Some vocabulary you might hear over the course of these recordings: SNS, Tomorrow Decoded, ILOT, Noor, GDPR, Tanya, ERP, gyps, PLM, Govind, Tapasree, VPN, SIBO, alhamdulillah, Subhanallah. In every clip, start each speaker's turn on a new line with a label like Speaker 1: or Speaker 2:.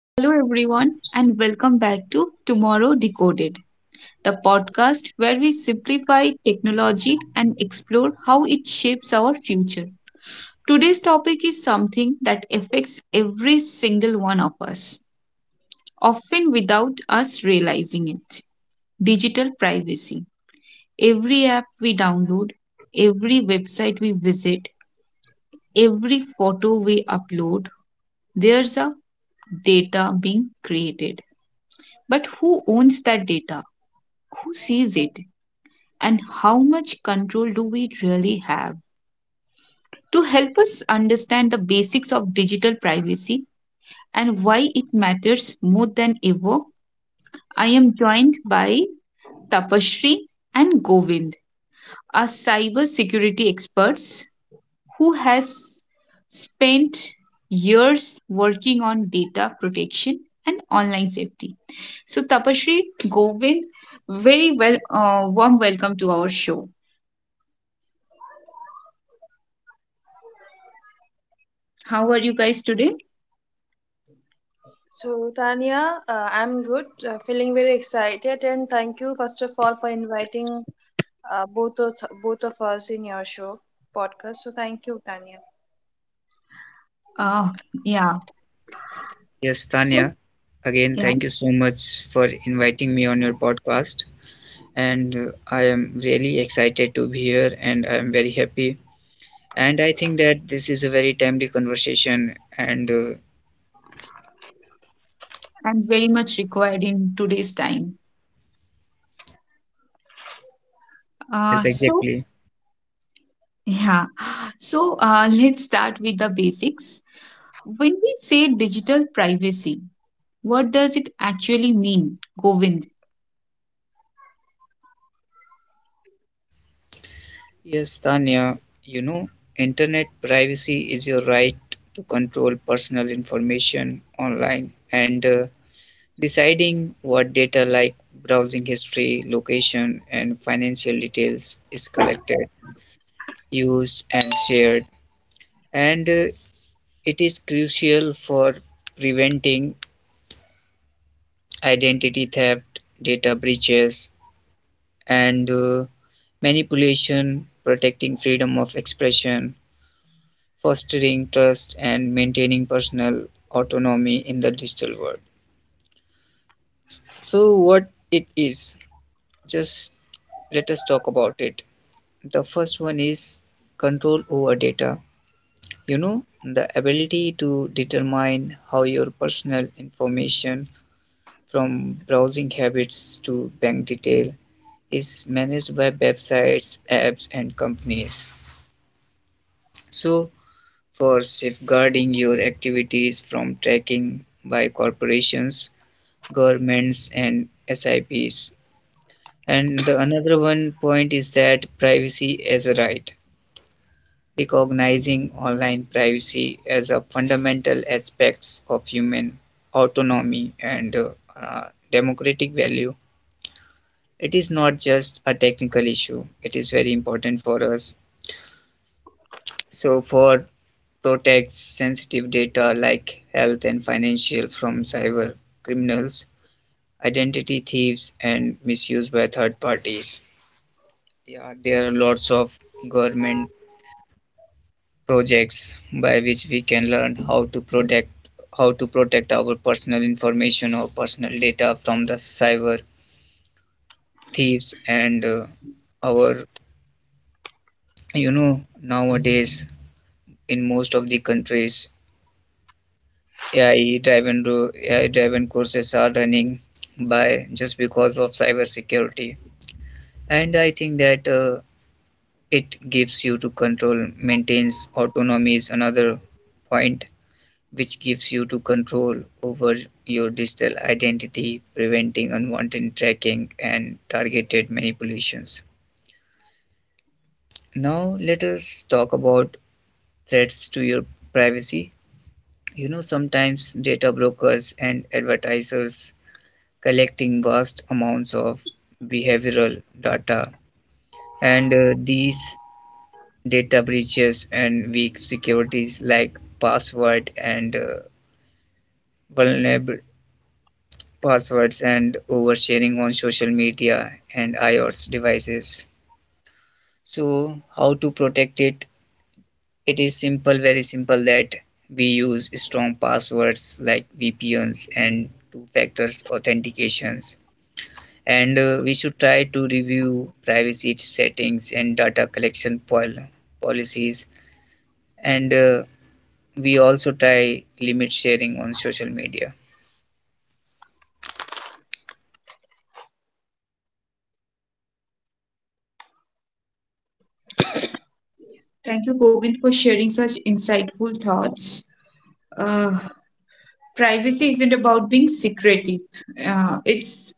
Speaker 1: Hello, everyone, and welcome back to Tomorrow Decoded, the podcast where we simplify technology and explore how it shapes our future. Today's topic is something that affects every single one of us, often without us realizing it, digital privacy. Every app we download, every website we visit, every photo we upload, there's a data being created. But who owns that data? Who sees it? And how much control do we really have? To help us understand the basics of digital privacy and why it matters more than ever, I am joined by Tapasree and Govind, our cyber security experts who has spent years working on data protection and online safety. So Tapasree, Govind, very well warm welcome to our show. How are you guys today?
Speaker 2: So, Tanya, I'm good, feeling very excited, and thank you, first of all, for inviting uh, both, of, both of us in your show podcast. So, thank you, Tanya.
Speaker 1: Uh, yeah.
Speaker 3: Yes,
Speaker 1: So,
Speaker 3: Tanya, again,
Speaker 1: yeah,
Speaker 3: thank you so much for inviting me on your podcast. And I am really excited to be here and I am very happy. And I think that this is a very timely conversation. And
Speaker 1: I'm very much required in today's time. Uh,
Speaker 3: yes,
Speaker 1: so,
Speaker 3: exactly.
Speaker 1: yeah. So, let's start with the basics. When we say digital privacy, what does it actually mean, Govind?
Speaker 3: Yes, Tanya, you know, internet privacy is your right to control personal information online and deciding what data like browsing history, location, and financial details is collected, used and shared, and it is crucial for preventing identity theft, data breaches, and manipulation, protecting freedom of expression, fostering trust, and maintaining personal autonomy in the digital world. So what it is, just let us talk about it. The first one is control over data. You know, the ability to determine how your personal information, from browsing habits to bank detail, is managed by websites, apps, and companies. So, for safeguarding your activities from tracking by corporations, governments, and SIPs. And the another one point is that privacy as a right, recognizing online privacy as a fundamental aspects of human autonomy and uh, democratic value. It is not just a technical issue, it is very important for us. So for protects sensitive data like health and financial from cyber criminals, identity thieves, and misuse by third parties. Yeah, there are lots of government projects by which we can learn how to protect, how to protect our personal information or personal data from the cyber thieves. And Our, you know, nowadays in most of the countries, AI driven AI driven courses are running, by just because of cyber security. And I think that it gives you to control, maintains autonomy is another point which gives you to control over your digital identity, preventing unwanted tracking and targeted manipulations. Now, let us talk about threats to your privacy. You know, sometimes data brokers and advertisers collecting vast amounts of behavioral data, and these data breaches and weak securities like password, and vulnerab- passwords and oversharing on social media and iOS devices. So, how to protect it? It is simple, very simple, that we use strong passwords like VPNs and 2 factor authentications. And We should try to review privacy settings and data collection policies. And We also try limit sharing on social media.
Speaker 1: Thank you, Govind, for sharing such insightful thoughts. Uh, privacy isn't about being secretive. Uh, it's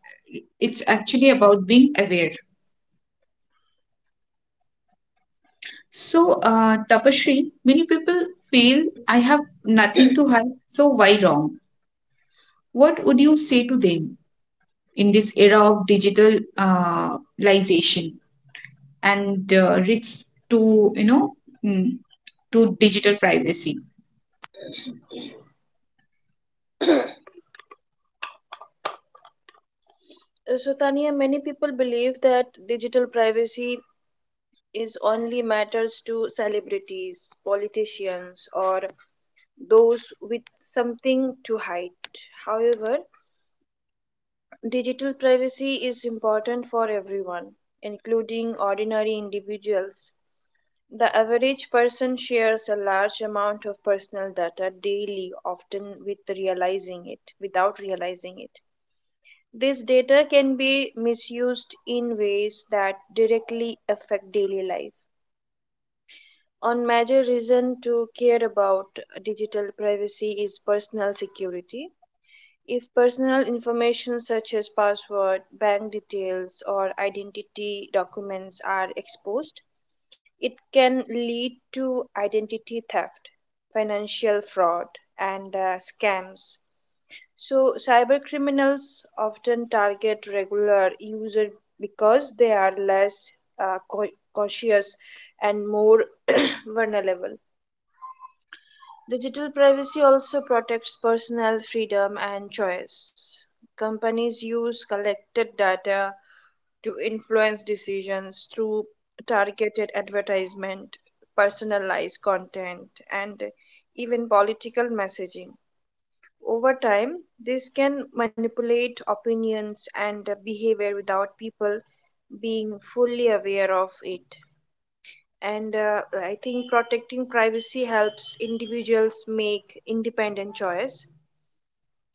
Speaker 1: it's actually about being aware. So, Tapashri, many people feel I have nothing to hide, so why wrong? What would you say to them in this era of digitalization and risks to, mm, to digital privacy?
Speaker 2: So, Tanya, many people believe that digital privacy is only matters to celebrities, politicians, or those with something to hide. However, digital privacy is important for everyone, including ordinary individuals. The average person shares a large amount of personal data daily, often with realizing it, without realizing it. This data can be misused in ways that directly affect daily life. One major reason to care about digital privacy is personal security. If personal information such as password, bank details, or identity documents are exposed, it can lead to identity theft, financial fraud, and scams. So, cyber criminals often target regular users because they are less uh, cau- cautious and more vulnerable. Digital privacy also protects personal freedom and choice. Companies use collected data to influence decisions through targeted advertisement, personalized content, and even political messaging. Over time, this can manipulate opinions and behavior without people being fully aware of it. And I think protecting privacy helps individuals make independent choice.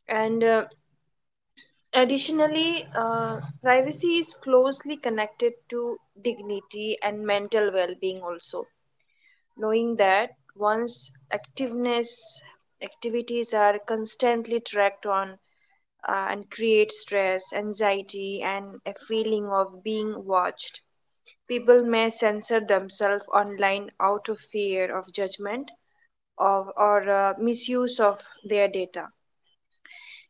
Speaker 2: And Additionally, privacy is closely connected to dignity and mental well-being also. Knowing that one's activeness activities are constantly tracked on and create stress, anxiety, and a feeling of being watched. People may censor themselves online out of fear of judgment of, or misuse of their data.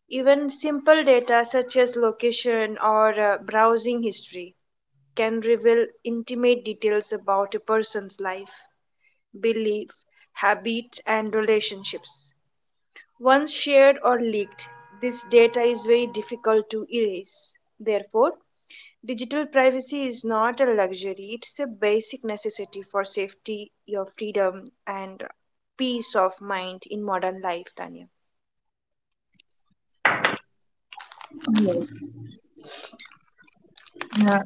Speaker 2: Even simple data such as location or browsing history can reveal intimate details about a person's life, beliefs, habits, and relationships. Once shared or leaked, this data is very difficult to erase. Therefore, digital privacy is not a luxury, it's a basic necessity for safety, your freedom, and peace of mind in modern life, Tanya.
Speaker 1: Yes. Uh,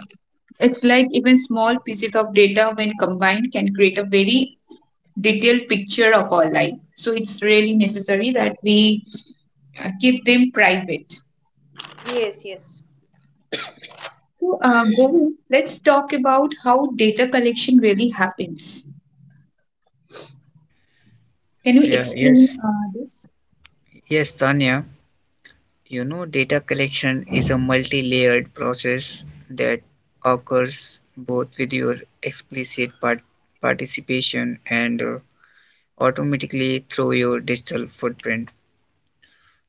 Speaker 1: it's like even small pieces of data, when combined, can create a very detailed picture of our life. So, it's really necessary that we keep them private.
Speaker 2: Yes, yes.
Speaker 1: So, Govind, let's talk about how data collection really happens. Can you
Speaker 3: Yeah,
Speaker 1: explain
Speaker 3: yes,
Speaker 1: this?
Speaker 3: yes, Tanya. You know, data collection is a multi layered process that occurs both with your explicit participation and automatically through your digital footprint.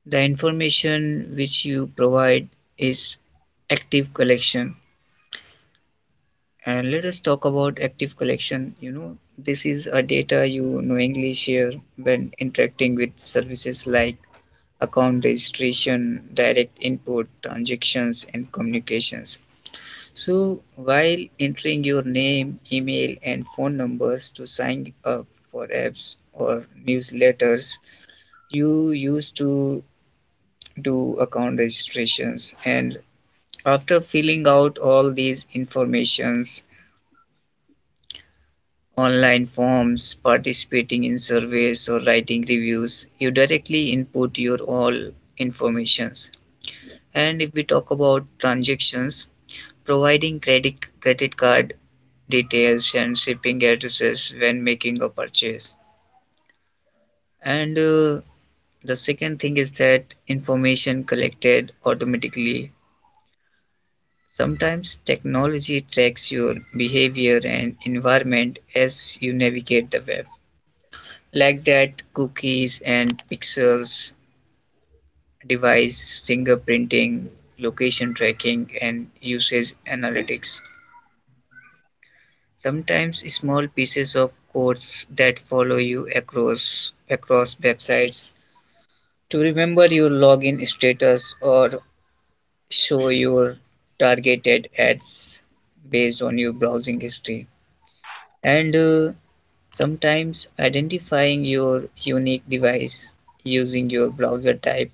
Speaker 3: The information which you provide is active collection. And let us talk about active collection. You know, this is a data you knowingly share when interacting with services like account registration, direct input, transactions, and communications. So, while entering your name, email, and phone numbers to sign up for apps or newsletters, you used to do account registrations. And after filling out all these informations, online forms, participating in surveys, or writing reviews, you directly input your all informations. And if we talk about transactions, providing credit card details and shipping addresses when making a purchase. And The second thing is that information collected automatically. Sometimes technology tracks your behavior and environment as you navigate the web, like that cookies and pixels, device fingerprinting, location tracking, and usage analytics. Sometimes small pieces of codes that follow you across websites to remember your login status or show your targeted ads based on your browsing history. And Sometimes identifying your unique device using your browser type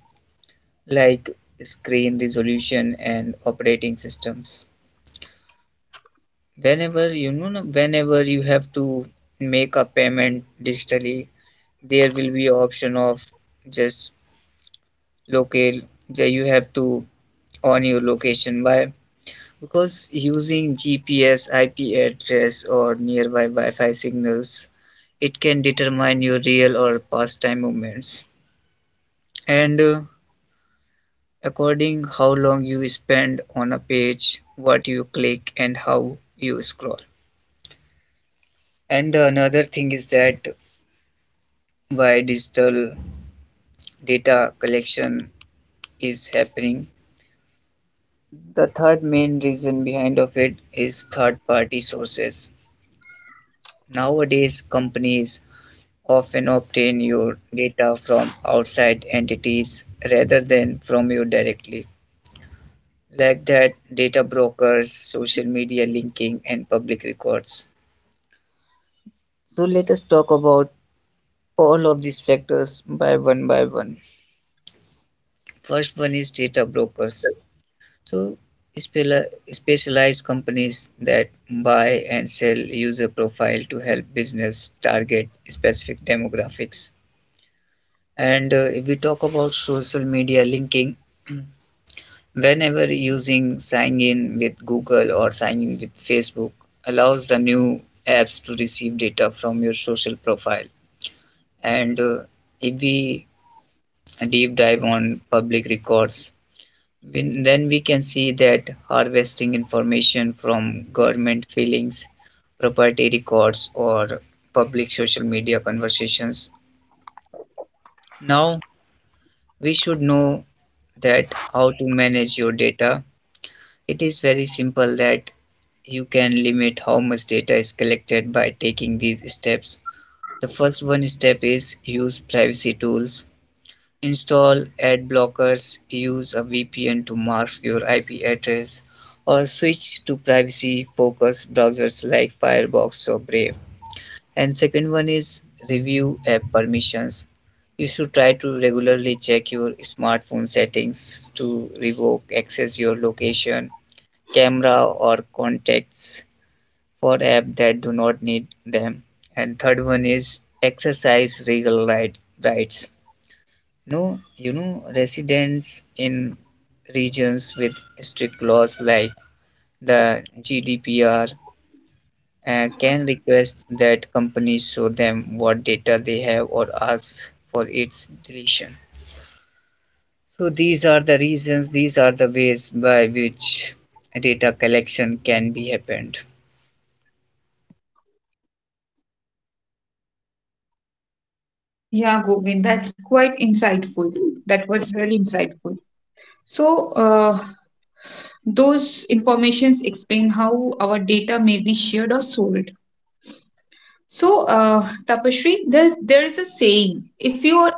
Speaker 3: like screen resolution and operating systems. Whenever you have to make a payment digitally, there will be option of just locate that you have to on your location. Why? Because using GPS, IP address, or nearby Wi-Fi signals, it can determine your real or past time movements. And According how long you spend on a page, what you click, and how you scroll. And the another thing is that why digital data collection is happening. The third main reason behind of it is third-party sources. Nowadays, companies often obtain your data from outside entities rather than from you directly, like that data brokers, social media linking, and public records. So let us talk about all of these factors by one by one. First one is data brokers. So spela- specialized companies that buy and sell user profile to help business target specific demographics. And If we talk about social media linking, whenever using sign in with Google or sign in with Facebook allows the new apps to receive data from your social profile. And If we deep dive on public records, then we can see that harvesting information from government filings, property records, or public social media conversations. Now we should know that how to manage your data. It is very simple that you can limit how much data is collected by taking these steps. The first one step is use privacy tools. Install ad blockers, use a VPN to mask your IP address, or switch to privacy focused browsers like Firefox or Brave. And second one is review app permissions. You should try to regularly check your smartphone settings to revoke access your location, camera, or contacts for apps that do not need them. And third one is exercise rights. No, you know, residents in regions with strict laws like the GDPR can request that companies show them what data they have or ask for its deletion. So, these are the reasons, these are the ways by which data collection can be happened.
Speaker 1: Yeah, Govind, that's quite insightful. That was really insightful. So, those informations explain how our data may be shared or sold. So, Tapashri, there is a saying: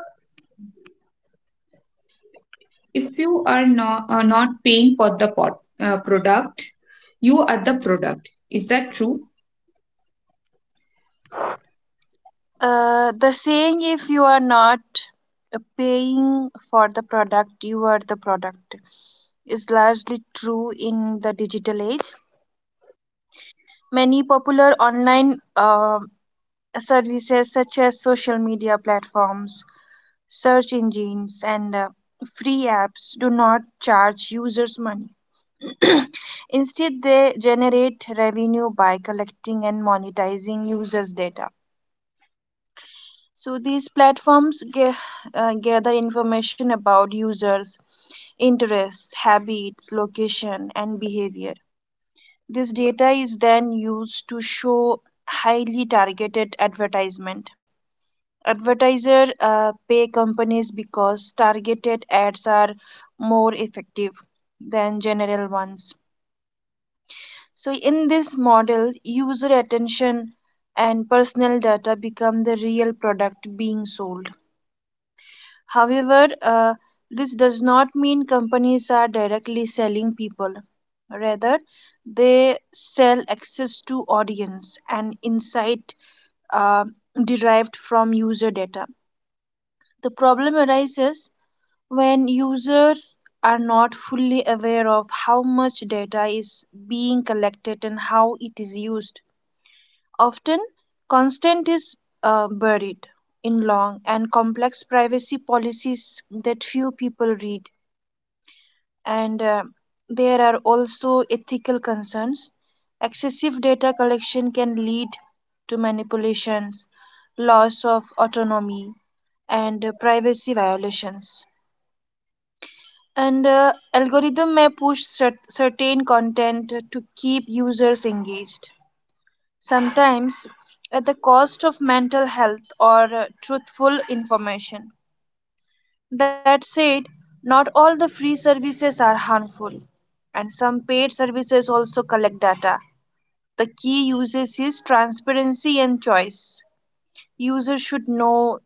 Speaker 1: if you are not paying for the product, you are the product. Is that true?
Speaker 2: The saying if you are not paying for the product, you are the product is largely true in the digital age. Many popular online services, such as social media platforms, search engines, and free apps, do not charge users money. Instead, they generate revenue by collecting and monetizing users' data. So these platforms gather information about users, interests, habits, location, and behavior. This data is then used to show highly targeted advertisement. Advertisers pay companies because targeted ads are more effective than general ones. So, in this model, user attention and personal data become the real product being sold. However, this does not mean companies are directly selling people. Rather, they sell access to audience and insight uh, derived from user data. The problem arises when users are not fully aware of how much data is being collected and how it is used. Often, consent is buried in long and complex privacy policies that few people read. And there are also ethical concerns. Excessive data collection can lead to manipulations, loss of autonomy, and privacy violations. And algorithm may push certain content to keep users engaged, sometimes at the cost of mental health or truthful information. That said, not all the free services are harmful, and some paid services also collect data. The key uses is transparency and choice. Users should know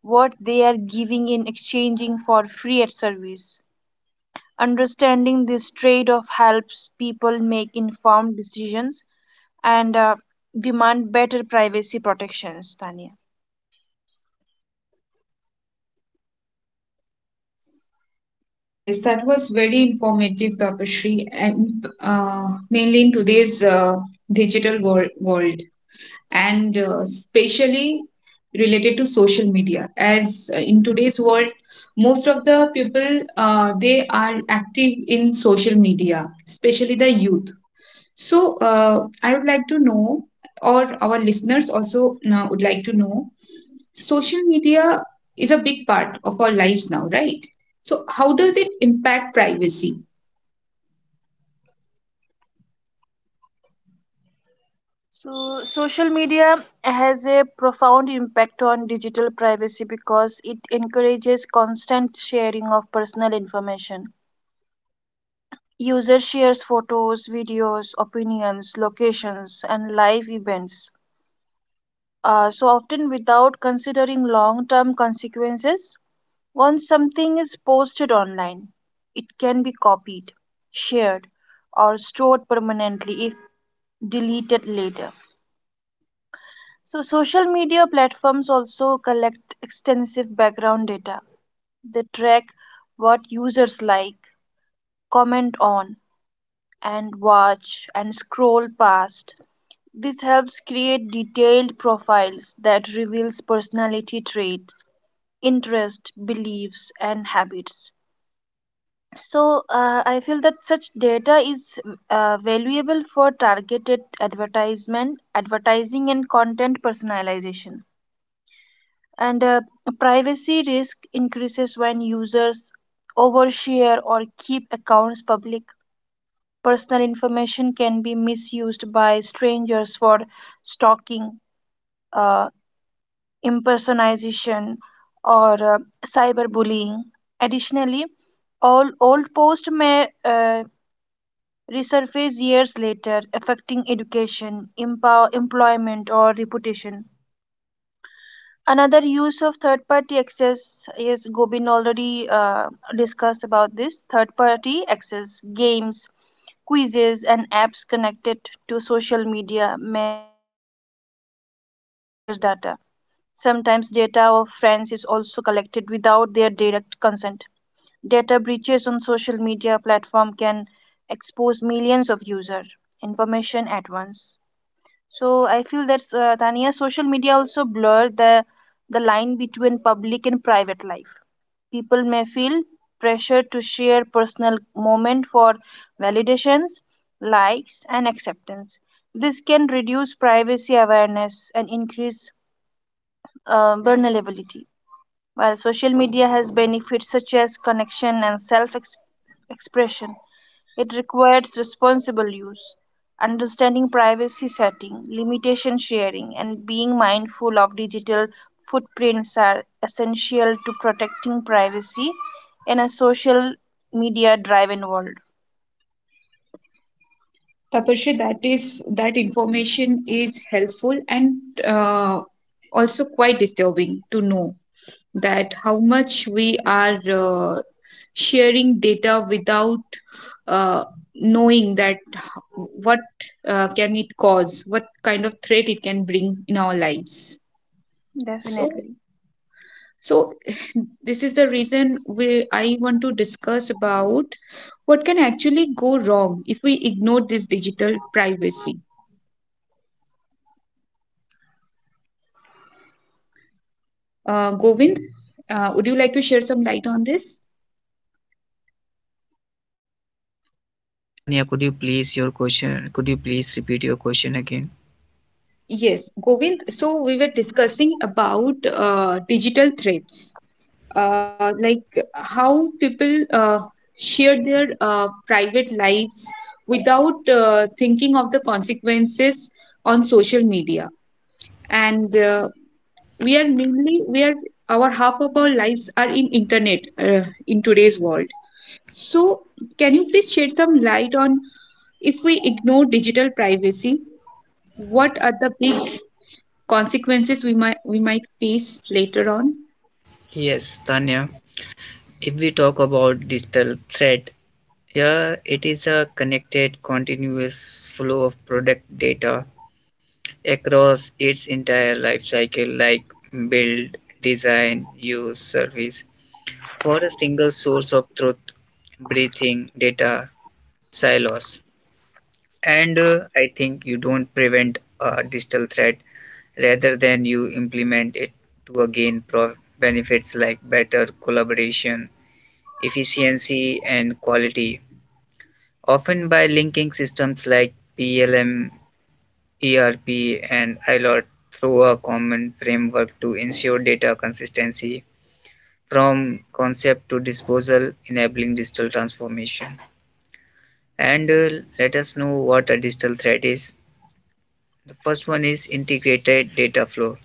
Speaker 2: what they are giving in exchanging for free ad service. Understanding this trade off helps people make informed decisions and demand better privacy protections, Tanya.
Speaker 1: Yes, that was very informative, Tapashri, and mainly in today's digital world, and especially related to social media. As in today's world, most of the people they are active in social media, especially the youth. So, I would like to know, or our listeners also now would like to know, social media is a big part of our lives now, right? So, how does it impact privacy?
Speaker 2: So, social media has a profound impact on digital privacy because it encourages constant sharing of personal information. Users shares photos, videos, opinions, locations, and live events, so often without considering long term consequences. Once something is posted online, it can be copied, shared, or stored permanently if deleted later. So, social media platforms also collect extensive background data. They track what users like, comment on, and watch and scroll past. This helps create detailed profiles that reveals personality traits, interests, beliefs, and habits. So, I feel that such data is valuable for targeted advertisement, advertising, and content personalization. And privacy risk increases when users overshare or keep accounts public. Personal information can be misused by strangers for stalking, uh, impersonation, or cyberbullying. Additionally, all old posts may resurface years later, affecting education, empower, employment, or reputation. Another use of third party access is gobin already discussed about this third party access, games, quizzes and apps connected to social media may access users data, sometimes data of friends is also collected without their direct consent. Data breaches on social media platform can expose millions of users information at once. So I feel that Tania, social media also blur the line between public and private life. People may feel pressure to share personal moment for validations, likes, and acceptance. This can reduce privacy awareness and increase vulnerability. While social media has benefits such as connection and self expression, it requires responsible use, understanding privacy setting, limitation sharing, and being mindful of digital footprints are essential to protecting privacy in a social media driven world.
Speaker 1: Tapasya, that is that information is helpful and uh, also quite disturbing to know, that how much we are sharing data without uh, knowing that what can it cause, what kind of threat it can bring in our lives. So
Speaker 2: Definitely.
Speaker 1: so this is the reason we I want to discuss about what can actually go wrong if we ignore this digital privacy. Govind, would you like to share some light on this?
Speaker 3: Tanya, could you please your question? Could you please repeat your question again?
Speaker 1: Yes, Govind. So we were discussing about digital threats, like how people share their private lives without thinking of the consequences on social media. And we are mainly we are our half of our lives are in internet in today's world. So can you please shed some light on, if we ignore digital privacy, what are the big consequences we might face later on?
Speaker 3: Yes, Tanya. If we talk about digital threat, yeah, it is a connected, continuous flow of product data across its entire life cycle, like build, design, use, service, for a single source of truth, breathing, data, silos. And I think you don't prevent a digital threat, rather than you implement it to again benefits like better collaboration, efficiency, and quality, often by linking systems like PLM, ERP, and ILOT through a common framework to ensure data consistency from concept to disposal, enabling digital transformation. And Let us know what a digital thread is. The first one is integrated data flow,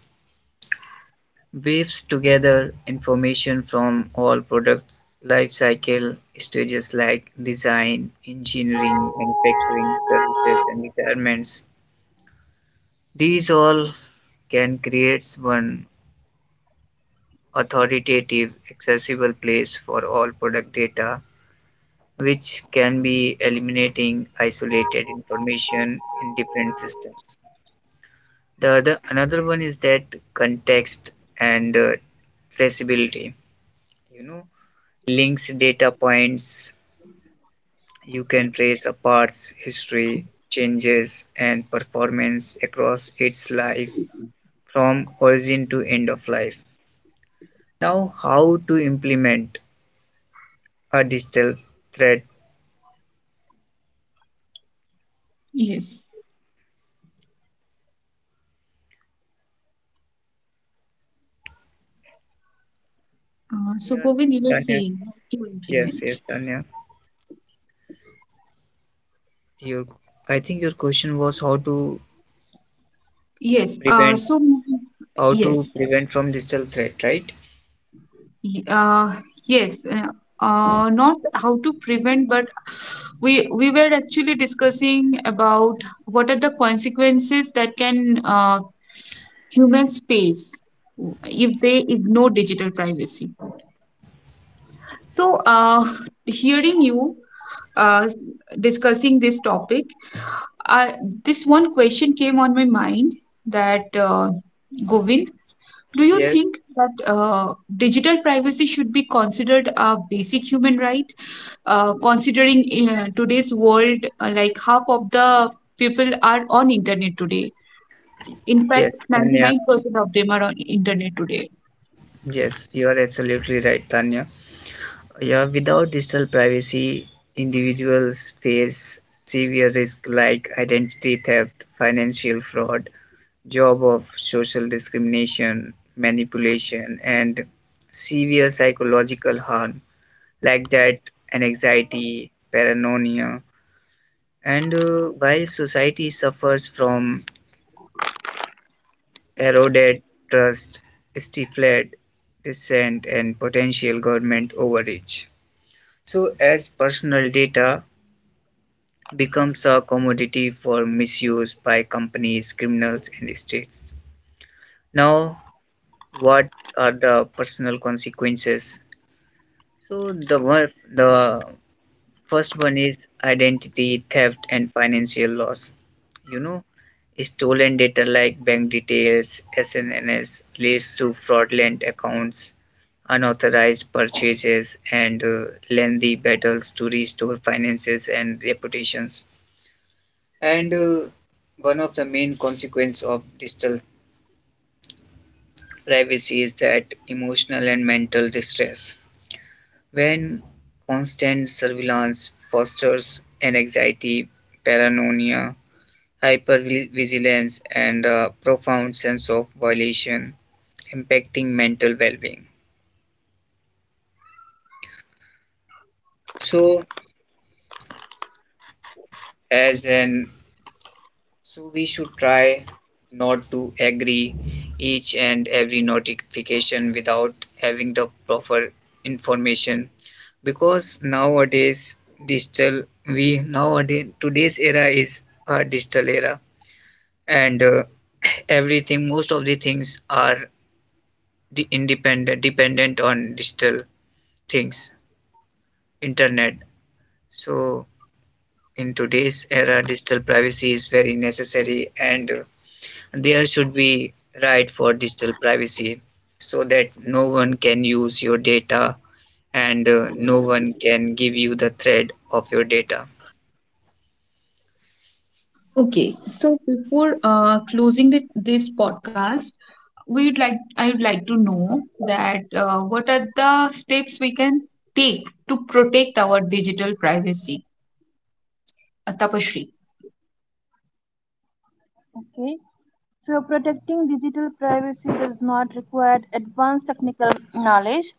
Speaker 3: weaves together information from all product life cycle stages like design, engineering, manufacturing, services, and requirements. These all can creates one authoritative accessible place for all product data which can be eliminating isolated information in different systems. The other another one is that context and traceability. You know, links data points, you can trace a part's history, changes, and performance across its life from origin to end of life. Now, how to implement a digital thread?
Speaker 1: Yes. So,
Speaker 3: Yeah,
Speaker 1: Govind, you were
Speaker 3: Tanya.
Speaker 1: saying how to
Speaker 3: Yes,
Speaker 1: implement.
Speaker 3: Tanya. Your, I think your question was
Speaker 1: Yes.
Speaker 3: prevent, how
Speaker 1: Yes.
Speaker 3: to prevent from digital threat, right?
Speaker 1: Y- Uh, yes. Not how to prevent, but we we were actually discussing about what are the consequences that can uh, humans face if they ignore digital privacy. So, hearing you uh, discussing this topic, I, this one question came on my mind that Govind, do you
Speaker 3: Yes,
Speaker 1: think that digital privacy should be considered a basic human right? Considering in today's world, like half of the people are on internet today.
Speaker 3: y-
Speaker 1: In fact,
Speaker 3: yes, Tanya.
Speaker 1: 99% of them are on internet today.
Speaker 3: Yes, you are absolutely right, Tanya. Yeah, without digital privacy, individuals face severe risk like identity theft, financial fraud, job of social discrimination, manipulation, and severe psychological harm, like that and anxiety, paranoia. And While society suffers from eroded trust, stifled dissent, and potential government overreach. So, as personal data becomes a commodity for misuse by companies, criminals, and states. Now, what are the personal consequences? So the one, the first one is identity theft and financial loss. You know, stolen data like bank details, SNNS leads to fraudulent accounts, unauthorized purchases, and lengthy battles to restore finances and reputations. And One of the main consequences of digital privacy is that emotional and mental distress. When constant surveillance fosters an anxiety, paranoia, hypervigilance, and a profound sense of violation, impacting mental well-being. So, as an, so we should try not to agree each and every notification without having the proper information. Because nowadays digital, we nowadays, today's era is a digital era, and everything, most of the things are the independent dependent on digital things, internet. So in today's era digital privacy is very necessary, and there should be right for digital privacy so that no one can use your data, and no one can give you the thread of your data.
Speaker 1: Okay, so before closing this podcast, we'd like I would like to know that what are the steps we can take to protect our digital privacy? Tapashri.
Speaker 2: Okay. So, protecting digital privacy does not require advanced technical knowledge.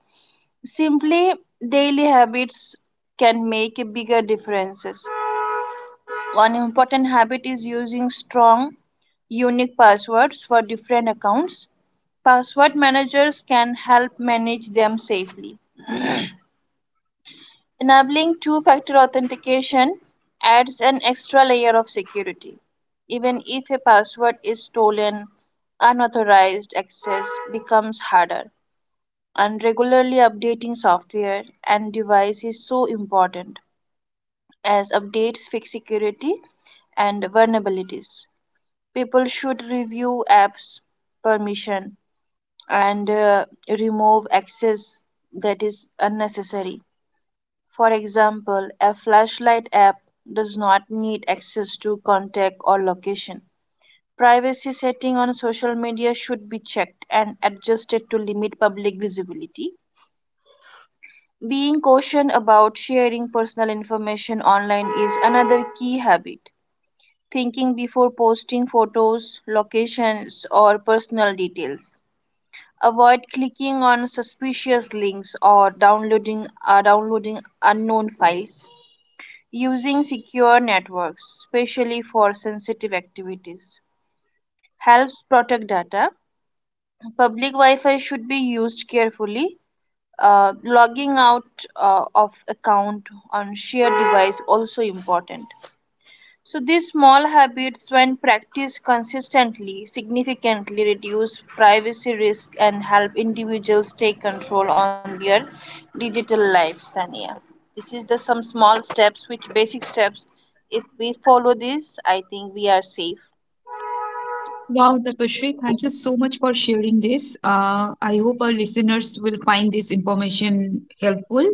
Speaker 2: Simply, daily habits can make a bigger differences. One important habit is using strong, unique passwords for different accounts. Password managers can help manage them safely. Enabling two factor authentication adds an extra layer of security. Even if a password is stolen, unauthorized access becomes harder. And regularly updating software and device is so important as updates fix security and vulnerabilities. People should review apps permission and remove access that is unnecessary. For example, a flashlight app does not need access to contact or location. Privacy setting on social media should be checked and adjusted to limit public visibility. Being cautious about sharing personal information online is another key habit. Thinking before posting photos, locations, or personal details. Avoid clicking on suspicious links or downloading unknown files. Using secure networks, especially for sensitive activities, helps protect data. Public Wi Fi should be used carefully. Logging out of account on shared device also important. So these small habits, when practiced consistently, significantly reduce privacy risk and help individuals take control on their digital lives, Tania. This is the some small steps, which basic steps. If we follow this, I think we are safe.
Speaker 1: Wow, Tapashri, thank you so much for sharing this. I hope our listeners will find this information helpful.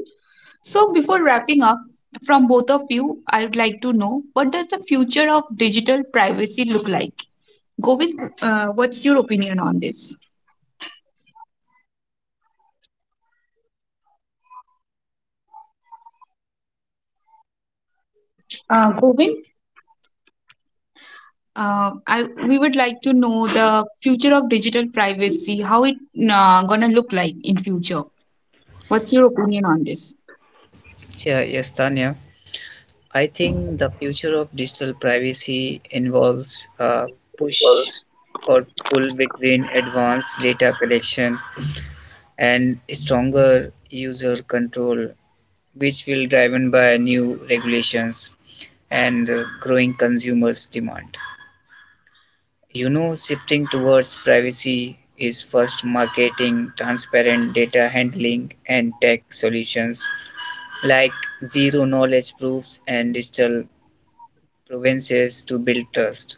Speaker 1: So, before wrapping up, from both of you, I would like to know, what does the future of digital privacy look like? Govind, what's your opinion on this? Govind, I we would like to know the future of digital privacy, how it gonna look like in future. What's your opinion on this?
Speaker 3: Yeah yes Tanya. I think the future of digital privacy involves a push or pull between advanced data collection and stronger user control, which will driven by new regulations and growing consumers' demand. You know, shifting towards privacy is first marketing, transparent data handling, and tech solutions like zero knowledge proofs and digital provinces to build trust.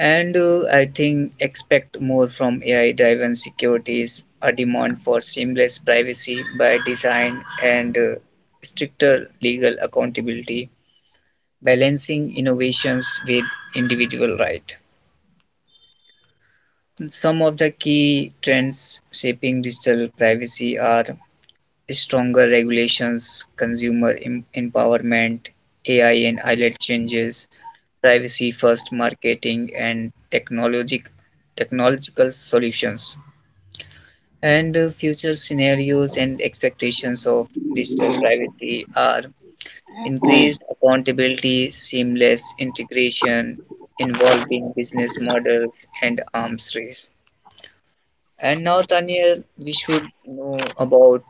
Speaker 3: And I think expect more from AI-driven securities, a demand for seamless privacy by design, and stricter legal accountability, balancing innovations with individual right. Some of the key trends shaping digital privacy are stronger regulations, consumer empowerment, AI and ILAT changes, privacy-first marketing, and technological solutions. And Future scenarios and expectations of digital privacy are increased accountability, seamless integration, involving business models and arms race. And now, Tanya, we should know about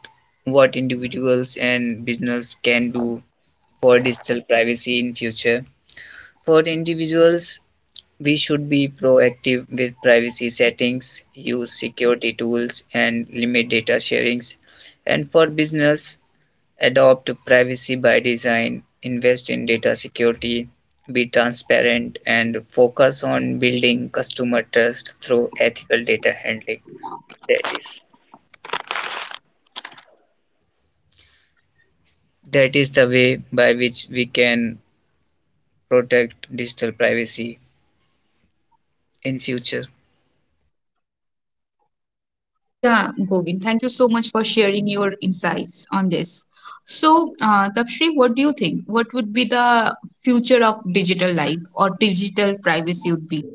Speaker 3: what individuals and business can do for digital privacy in future. For individuals, we should be proactive with privacy settings, use security tools, and limit data sharings. And for business, adopt privacy by design, invest in data security, be transparent, and focus on building customer trust through ethical data handling. That is that is the way by which we can protect digital privacy in future.
Speaker 1: Yeah, Govind, thank you so much for sharing your insights on this. So, Tapshri, what do you think? What would be the future of digital life or digital privacy would be?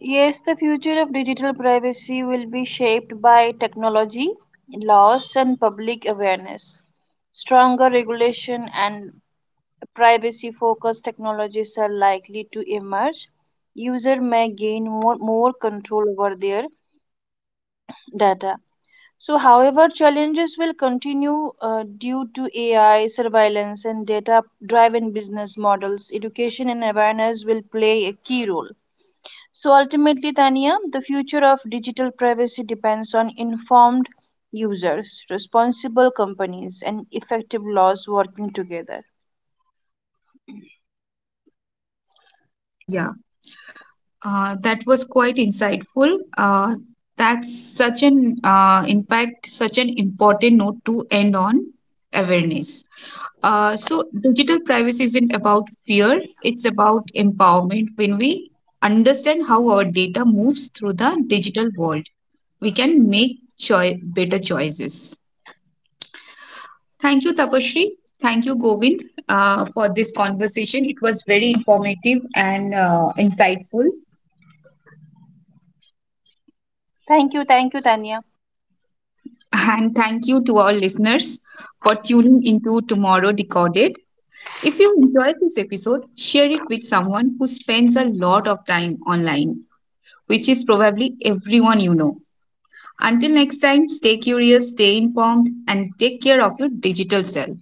Speaker 2: Yes, the future of digital privacy will be shaped by technology, laws, and public awareness. Stronger regulation and privacy focused technologies are likely to emerge. User may gain more control over their data. So, however, challenges will continue due to AI surveillance and data driven business models. Education and awareness will play a key role. So, ultimately, Tania, the future of digital privacy depends on informed users, responsible companies, and effective laws working together.
Speaker 1: Yeah. That was quite insightful. That's in fact, such an important note to end on, awareness. Digital privacy isn't about fear, it's about empowerment. When we understand how our data moves through the digital world, we can make better choices. Thank you, Tapashri. Thank you, Govind, for this conversation. It was very informative and insightful.
Speaker 2: Thank you, Tania.
Speaker 1: And thank you to our listeners for tuning into Tomorrow Decoded. If you enjoyed this episode, share it with someone who spends a lot of time online, which is probably everyone you know. Until next time, stay curious, stay informed, and take care of your digital self.